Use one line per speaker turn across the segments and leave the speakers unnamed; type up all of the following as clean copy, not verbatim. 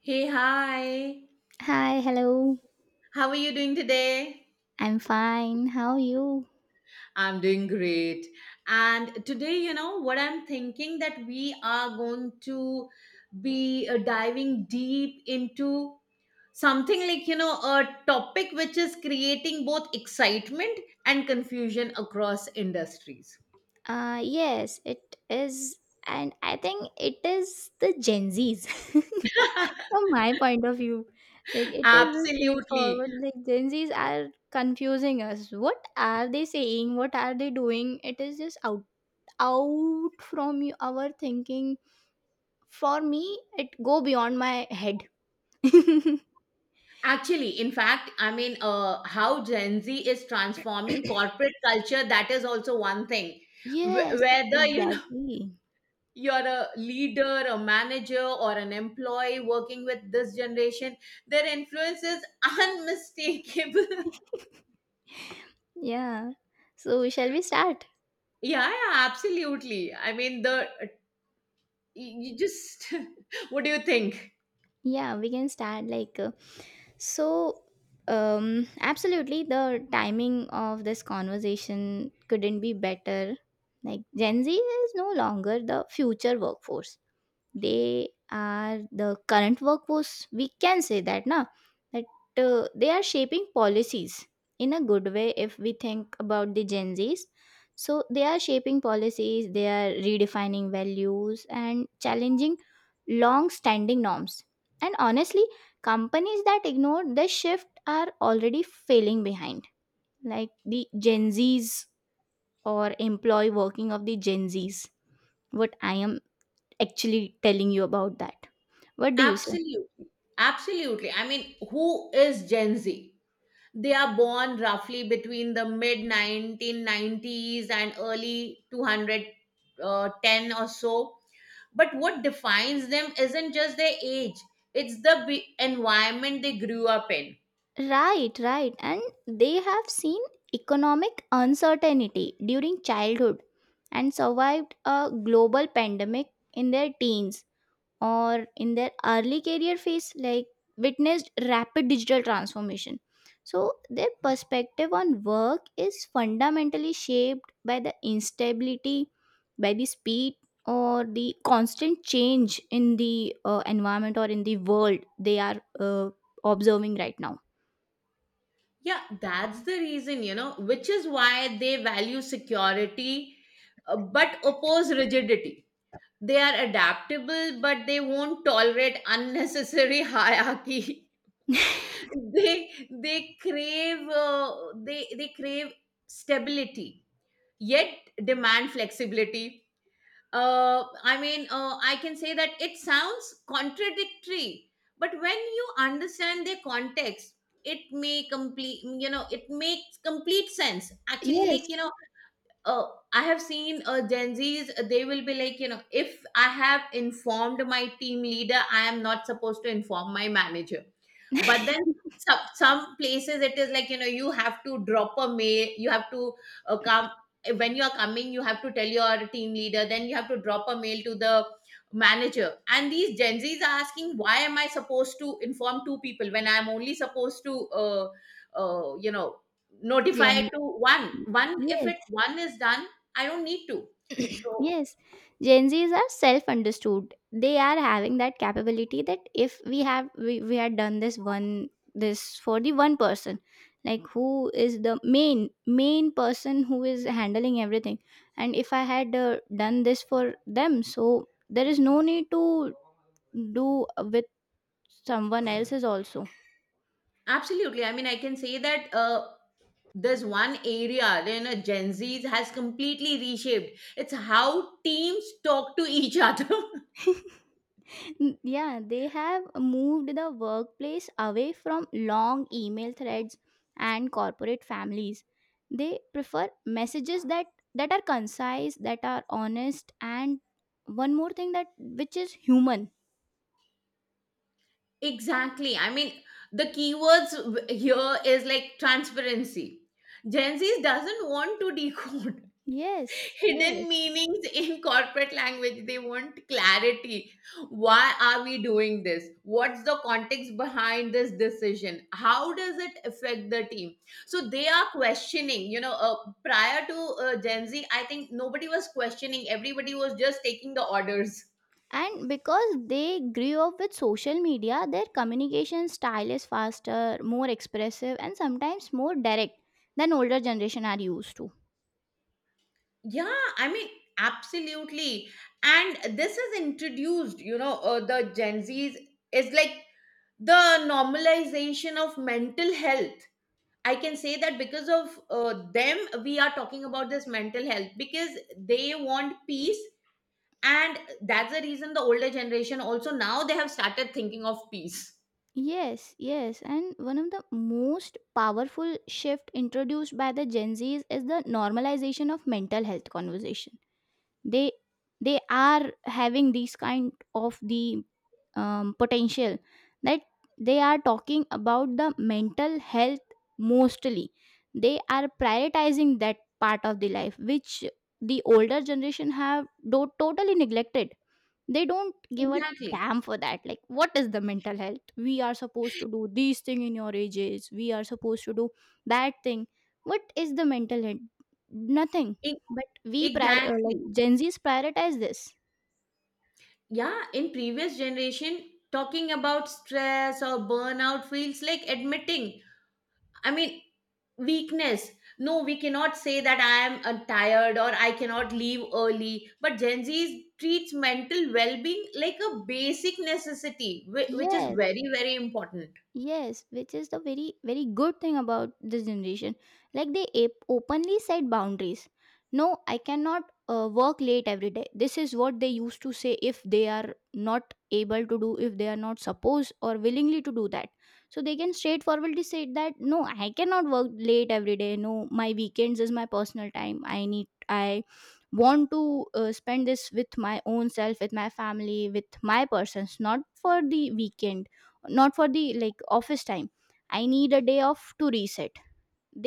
Hey, hi.
Hi, hello.
How are you doing today?
I'm fine. How are you?
I'm doing great. And today, what I'm thinking that we are going to be diving deep into something like, a topic which is creating both excitement and confusion across industries.
Yes, it is and I think it is the Gen Zs. From my point of view, like it is a
Absolutely.
straightforward like Gen Zs are confusing us. What are they saying? What are they doing? It is just out from you, our thinking. For me, it go beyond my head.
Actually, in fact, I mean, how Gen Z is transforming corporate culture, that is also one thing.
Yes,
Whether, you
exactly.
you're a leader, a manager, or an employee working with this generation, their influence is unmistakable.
Yeah. So shall we start?
Yeah, yeah, absolutely. I mean, the you just what do you think?
Yeah, we can start like so absolutely the timing of this conversation couldn't be better. Like Gen Z is no longer the future workforce, they are the current workforce, we can say that na, that they are shaping policies in a good way if we think about the Gen Z's. So they are shaping policies, they are redefining values and challenging long standing norms. And honestly, companies that ignore this shift are already failing behind. Like the Gen Z's or employee working of the Gen Z's, what I am actually telling you about that, what do you say?
Absolutely, absolutely. I mean, who is Gen Z? They are born roughly between the mid 1990s and early 200 10 or so, but what defines them isn't just their age. It's the environment they grew up in.
Right, right. And they have seen economic uncertainty during childhood and survived a global pandemic in their teens, or in their early career phase, like witnessed rapid digital transformation. So their perspective on work is fundamentally shaped by the instability, by the speed, or the constant change in the environment or in the world they are observing right now.
Yeah, that's the reason, which is why they value security, but oppose rigidity. They are adaptable, but they won't tolerate unnecessary hierarchy. they they crave uh, they crave stability, yet demand flexibility. I mean, I can say that it sounds contradictory, but when you understand their context, it makes complete sense. Actually, like
Yes.
uh, I have seen Gen Zs. They will be like, if I have informed my team leader, I am not supposed to inform my manager. But then some places it is like, you have to drop a mail, you have to come. When you are coming, you have to tell your team leader, then you have to drop a mail to the manager. And these Gen Zs are asking, why am I supposed to inform two people when I'm only supposed to uh, you know, notify
gen
to one if
Yes.
it one is done. I don't need to. So
Yes, Gen Zs are self understood. They are having that capability that if we had done this one, this for the one person, like who is the main person who is handling everything, and if I had done this for them, so there is no need to do with someone else's also.
absolutely, I mean, I can say that there's one area, Gen Z has completely reshaped. It's how teams talk to each other.
Yeah, they have moved the workplace away from long email threads and corporate families. They prefer messages that are concise, that are honest, and one more thing, that which is human.
Exactly, I mean, the keywords here is like transparency. Gen Z doesn't want to decode
Yes, yes.
hidden meanings in corporate language. They want clarity. Why are we doing this? What's the context behind this decision? How does it affect the team? So they are questioning. Prior to Gen Z, I think nobody was questioning. Everybody was just taking the orders.
And because they grew up with social media, their communication style is faster, more expressive, and sometimes more direct than older generation are used to.
Yeah, I mean, absolutely. And this is introduced, the Gen Zs is like the normalization of mental health. I can say that because of them, we are talking about this mental health because they want peace. And that's the reason the older generation also now they have started thinking of peace.
Yes, yes. And one of the most powerful shift introduced by the Gen Zs is the normalization of mental health conversation. They they are having these kind of the potential that they are talking about the mental health mostly. They are prioritizing that part of the life which the older generation have totally neglected. They don't give a
Exactly.
damn for that, like what is the mental health, we are supposed to do these thing, in your ages we are supposed to do that thing. What is the mental health? Nothing.
E-
But we
Exactly.
like Gen Z's prioritize this.
Yeah. In previous generation, talking about stress or burnout feels like admitting, I mean, weakness. No, we cannot say that I am tired or I cannot leave early. But Gen Z treats mental well-being like a basic necessity, which is
Yes.
very, very important.
Yes, which is the very, very good thing about this generation. Like they openly set boundaries. No, I cannot work late every day. This is what they used to say if they are not able to do, if they are not supposed or willingly to do that. So they can straightforwardly say that no, I cannot work late every day. No, my weekends is my personal time. I need, I want to spend this with my own self, with my family, with my persons, not for the weekend, not for the like office time. I need a day off to reset.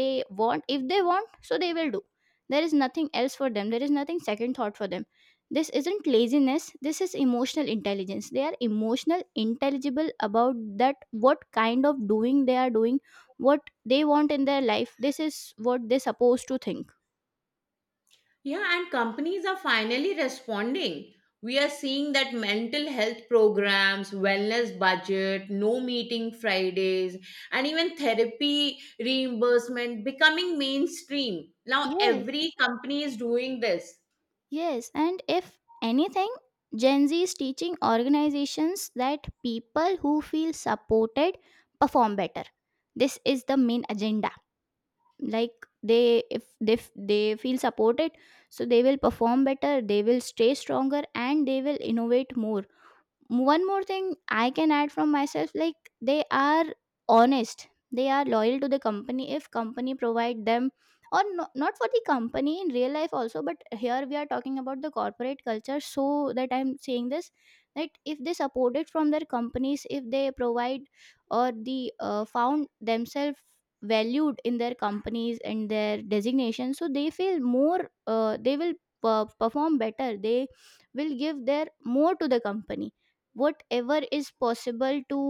They want, if they want so they will do. There is nothing else for them, there is nothing second thought for them. This isn't laziness, this is emotional intelligence. They are emotional intelligible about that what kind of doing they are doing, what they want in their life. This is what they're supposed to think.
Yeah, and companies are finally responding. We are seeing that mental health programs, wellness budget, no meeting Fridays, and even therapy reimbursement becoming mainstream now. Every
Yes.
company is doing this.
Yes, and if anything, Gen Z is teaching organizations that people who feel supported perform better. This is the main agenda. Like they if they f- they feel supported, so they will perform better, they will stay stronger and they will innovate more. One more thing I can add from myself, like they are honest, they are loyal to the company if company provide them, or no, not for the company in real life also, but here we are talking about the corporate culture, so that I'm saying this. That if they support it from their companies, if they provide or the found themselves valued in their companies and their designation, so they feel more they will perform better, they will give their more to the company, whatever is possible to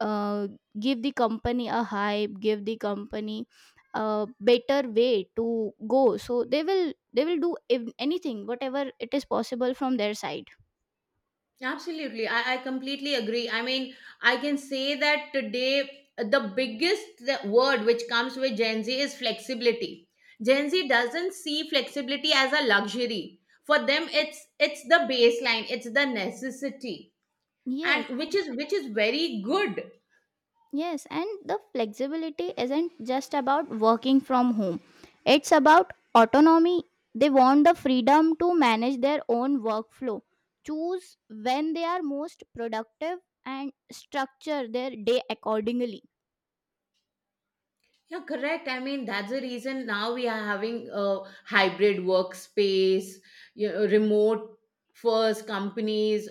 uh, give the company a hype, give the company a better way to go. So they will do anything whatever it is possible from their side.
Absolutely. I completely agree. I mean, I can say that today, the biggest word which comes with Gen Z is flexibility. Gen Z doesn't see flexibility as a luxury. For them, it's the baseline, it's the necessity,
Yes.
and which is very good.
Yes, and the flexibility isn't just about working from home, it's about autonomy. They want the freedom to manage their own workflow, choose when they are most productive, and structure their day accordingly.
Yeah, correct. I mean, that's the reason now we are having a hybrid workspace, remote first companies.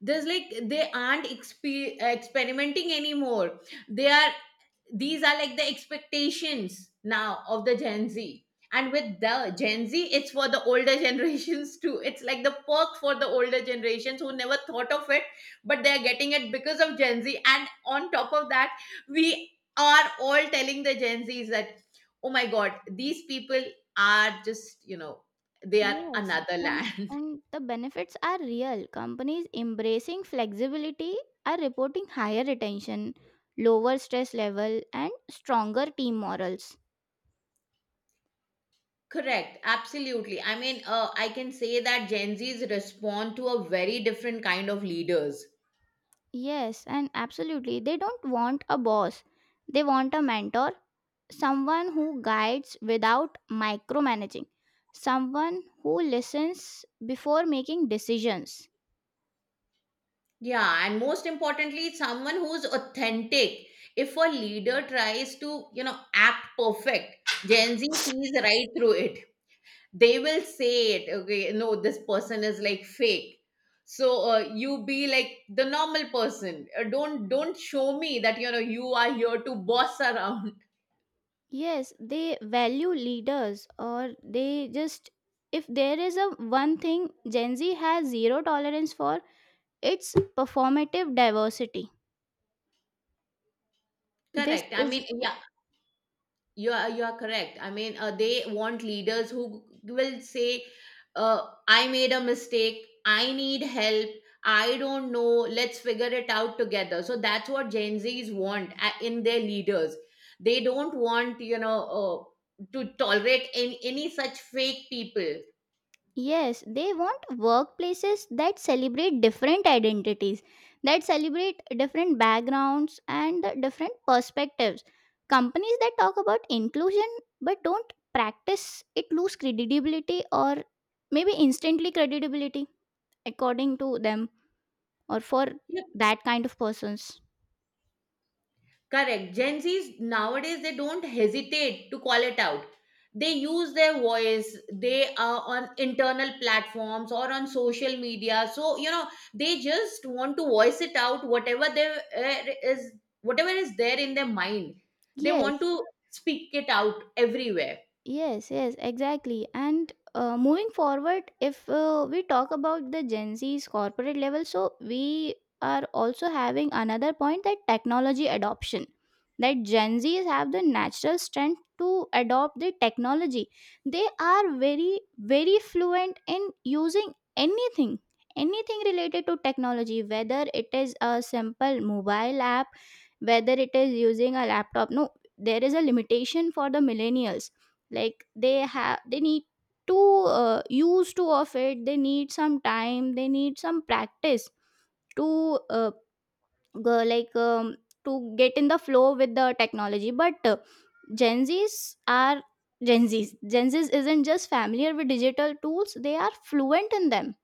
There's like they aren't experimenting anymore. They are, these are like the expectations now of the Gen Z. And with the Gen Z, it's for the older generations too. It's like the perk for the older generations who never thought of it, but they're getting it because of Gen Z. And on top of that, we are all telling the Gen Z's that, oh my god, these people are just, they are
Yes,
another land.
and the benefits are real. Companies embracing flexibility are reporting higher retention, lower stress level, and stronger team morals.
Correct, absolutely. I mean, I can say that Gen Zs respond to a very different kind of leaders.
Yes, and absolutely. They don't want a boss. They want a mentor, someone who guides without micromanaging, someone who listens before making decisions.
Yeah, and most importantly, someone who's authentic. If a leader tries to, act perfect, Gen Z sees right through it. They will say it, okay, no, this person is like fake. So you be like the normal person. Don't show me that you know you are here to boss around.
Yes, they value leaders, or they just, if there is a one thing Gen Z has zero tolerance for, it's performative diversity. This
Correct. I
is,
mean, yeah. You are correct. I mean, they want leaders who will say, "I made a mistake. I need help. I don't know. Let's figure it out together." So that's what Gen Zs want in their leaders. They don't want to tolerate any such fake people.
yes, they want workplaces that celebrate different identities, that celebrate different backgrounds and the different perspectives. Companies that talk about inclusion but don't practice it lose credibility, or maybe instantly credibility according to them, or for that kind of persons.
Correct. Gen Zs nowadays they don't hesitate to call it out. They use their voice. They are on internal platforms or on social media. So, they just want to voice it out. Whatever there is, whatever is there in their mind, they want
Yes.
to speak it out everywhere.
Yes, yes, exactly. And moving forward, if we talk about the Gen Z's corporate level, so we are also having another point, that technology adoption. That Gen Zs have the natural strength to adopt the technology. They are very, very fluent in using anything, anything related to technology, whether it is a simple mobile app, whether it is using a laptop. No, there is a limitation for the millennials, like they have, they need to use to of it, they need some time, they need some practice to go, like to get in the flow with the technology. But gen z's are Gen Z's isn't just familiar with digital tools, they are fluent in them.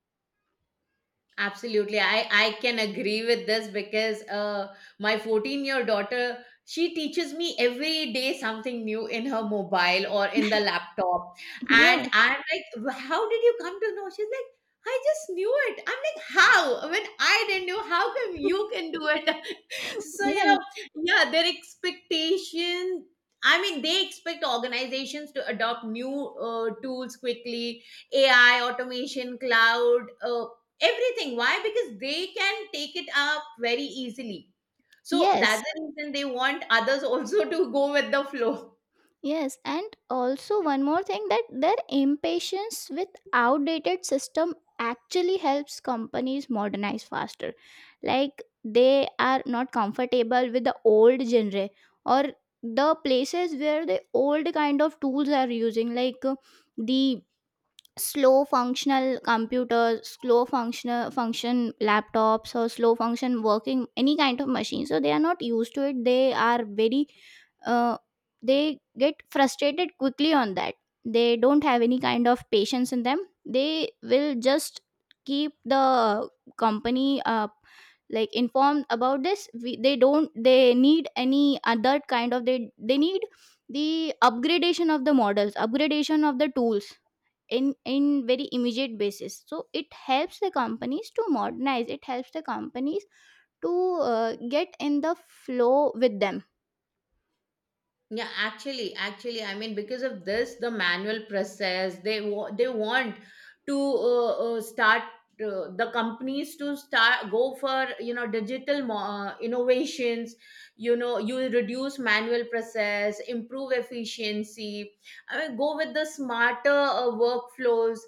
Absolutely. I can agree with this because my 14-year daughter, she teaches me every day something new in her mobile or in the laptop. And
Yes.
I'm like, How did you come to know?" She's like, I just knew it. I'm like, how? When I didn't know, how come you can do it? So,
Yes.
yeah, their expectation. I mean, they expect organizations to adopt new tools quickly, AI, automation, cloud. Everything. Why? Because they can take it up very easily. So
Yes.
that's the reason they want others also to go with the flow.
Yes, and also one more thing, that their impatience with outdated system actually helps companies modernize faster. Like they are not comfortable with the old genre, or the places where the old kind of tools are using, like the slow functional computers, slow functional function laptops, or slow function working any kind of machine. So they are not used to it, they are very uh, they get frustrated quickly on that. They don't have any kind of patience in them, they will just keep the company like informed about this, we, they don't, they need any other kind of, they need the upgradation of the models, upgradation of the tools in very immediate basis. So it helps the companies to modernize, it helps the companies to get in the flow with them.
Yeah, actually, actually, I mean, because of this, the manual process, they they want to start the companies to start go for, digital innovations. You know, you reduce manual process, improve efficiency. I mean, go with the smarter workflows.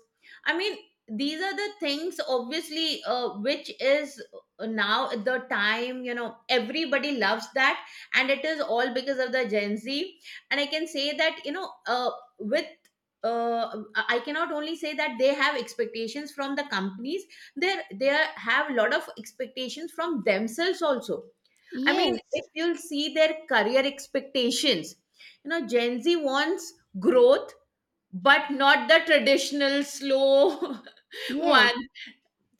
I mean, these are the things obviously which is now the time. You know, everybody loves that, and it is all because of the Gen Z. And I can say that, with uh, I cannot only say that they have expectations from the companies. They have a lot of expectations from themselves also. I mean, if
Yes.
you'll see their career expectations, you know, Gen Z wants growth, but not the traditional slow
Yes,
one.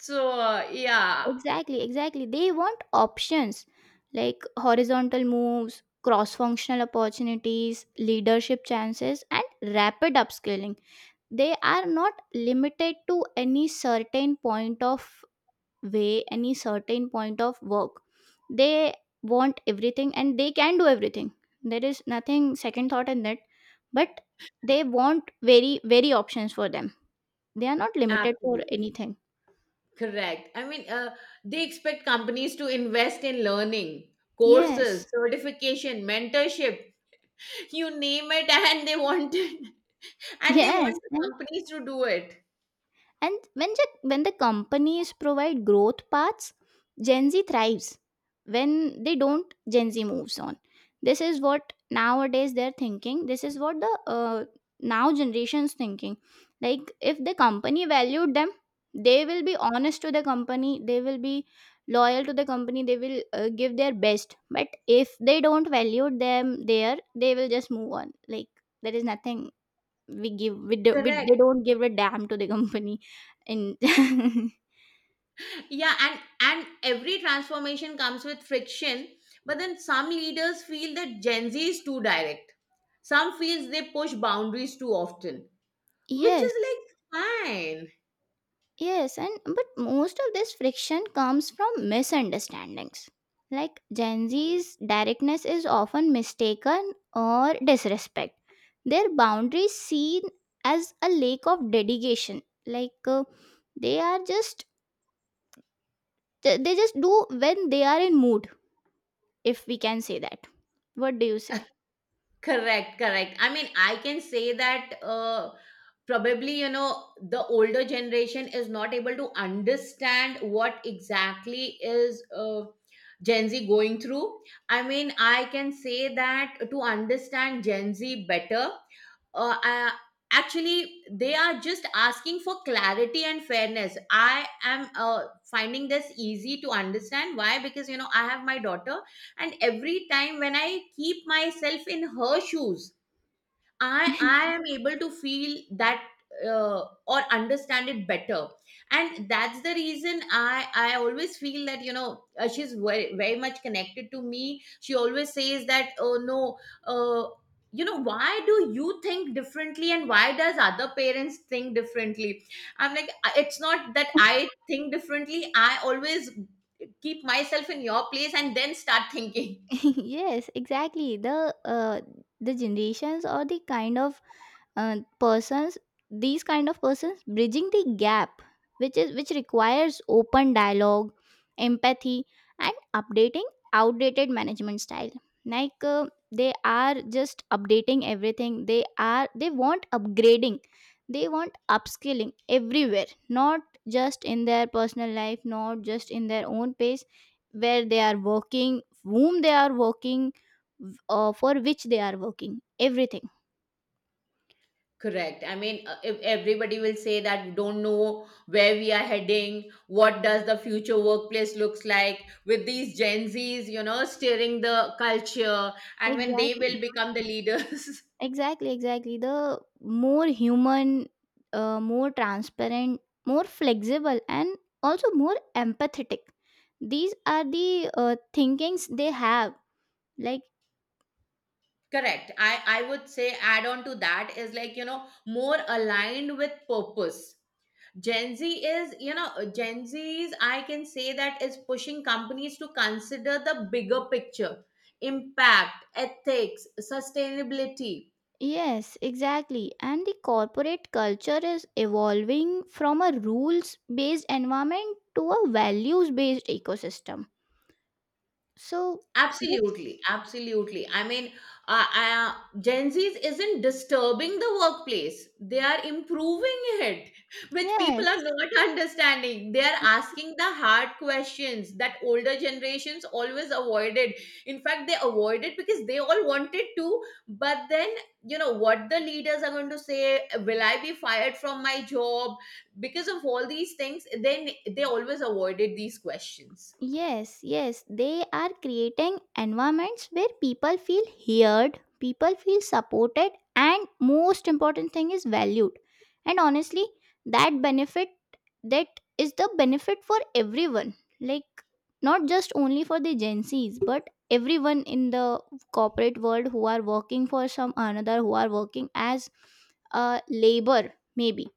So yeah,
exactly. Exactly, they want options like horizontal moves, cross functional opportunities, leadership chances and rapid upscaling. They are not limited to any certain point of way, any certain point of work. They want everything and they can do everything. There is nothing second thought in that, but they want very, very options for them. They are not limited for
absolutely.
anything.
Correct. I mean, they expect companies to invest in learning, courses,
Yes.
certification, mentorship, you name it, and they want it. And they
Yes.
want the companies to do it.
And when the companies provide growth paths, Gen Z thrives. When they don't, Gen Z moves on. This is what nowadays they're thinking. This is what the now generations thinking. Like if the company valued them, they will be honest to the company. They will be loyal to the company. They will give their best. But if they don't value them there, they will just move on. Like there is nothing we
Correct.
they don't give a damn to the company and
Yeah, and every transformation comes with friction, but then some leaders feel that Gen Z is too direct. Some feels they push boundaries too often, which is
yes.
like fine.
Yes, and but most of this friction comes from misunderstandings, like Gen Z's directness is often mistaken or disrespect, their boundaries seen as a lack of dedication. Like they are just, they just do when they are in mood, if we can say that. What do you say?
Correct, correct. I mean, I can say that probably, you know, the older generation is not able to understand what exactly is Gen Z going through. I mean, I can say that to understand Gen Z better, uh, I, actually they are just asking for clarity and fairness. I am finding this easy to understand, why, because you know I have my daughter, and every time when I keep myself in her shoes, I am able to feel that or understand it better. And that's the reason I always feel that, she's very, very much connected to me. She always says that, oh no, uh, you know why do you think differently and why does other parents think differently. I'm like, It's not that I think differently. I always keep myself in your place and then start thinking."
Yes, exactly. The the generations or the kind of persons, these kind of persons bridging the gap, which is, which requires open dialogue, empathy, and updating outdated management style. Like they are just updating everything, they are, they want upgrading, they want upskilling everywhere, not just in their personal life, not just in their own pace, where they are working, whom they are working, for which they are working, everything.
Correct. I mean, if everybody will say that we don't know where we are heading, what does the future workplace looks like with these Gen Zs, you know, steering the culture, and when they
Exactly.
will become the leaders.
Exactly, exactly. The more human, more transparent, more flexible, and also more empathetic. These are the thinkings they have. Like,
Correct. I would say add on to that is like more aligned with purpose. Gen Z is Gen Zs, I can say, that is pushing companies to consider the bigger picture, impact, ethics, sustainability.
yes, exactly. And the corporate culture is evolving from a rules based environment to a values based ecosystem. So, this,
Absolutely, absolutely. I mean, uh, uh, Gen Zs isn't disturbing the workplace; they are improving it, which people are
yes.
not understanding. They are asking the hard questions that older generations always avoided. In fact, they avoided because they all wanted to, but then you know what the leaders are going to say: Will I be fired from my job because of all these things? Then they always avoided these questions.
Yes, yes, they are creating environments where people feel heard, people feel supported, and most important thing is valued. And honestly, that benefit, that is the benefit for everyone. Like not just only for the Gen Zs, but everyone in the corporate world who are working for some another, who are working as a labor, maybe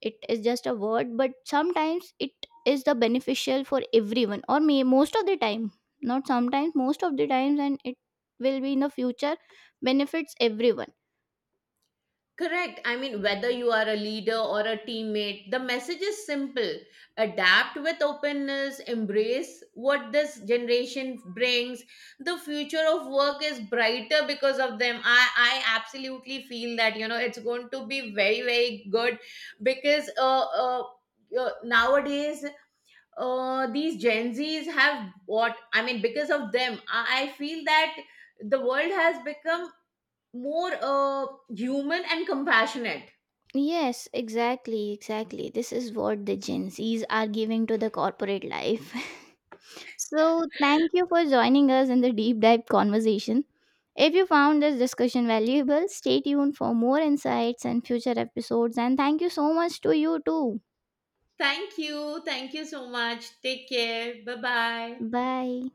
it is just a word, but sometimes it is the beneficial for everyone, or may most of the time, not sometimes, most of the times, and it will be, in the future, benefits everyone.
Correct. I mean, whether you are a leader or a teammate, the message is simple. Adapt with openness, embrace what this generation brings. The future of work is brighter because of them. I absolutely feel that, it's going to be very, very good because nowadays, these Gen Zs have, what I mean, because of them, I feel that the world has become more human and compassionate.
Yes, exactly, exactly. This is what the Gen Zs are giving to the corporate life. So thank you for joining us in the deep dive conversation. If you found this discussion valuable, stay tuned for more insights and future episodes. And thank you so much to you too.
Thank you. Thank you so much. Take care. Bye bye.
Bye.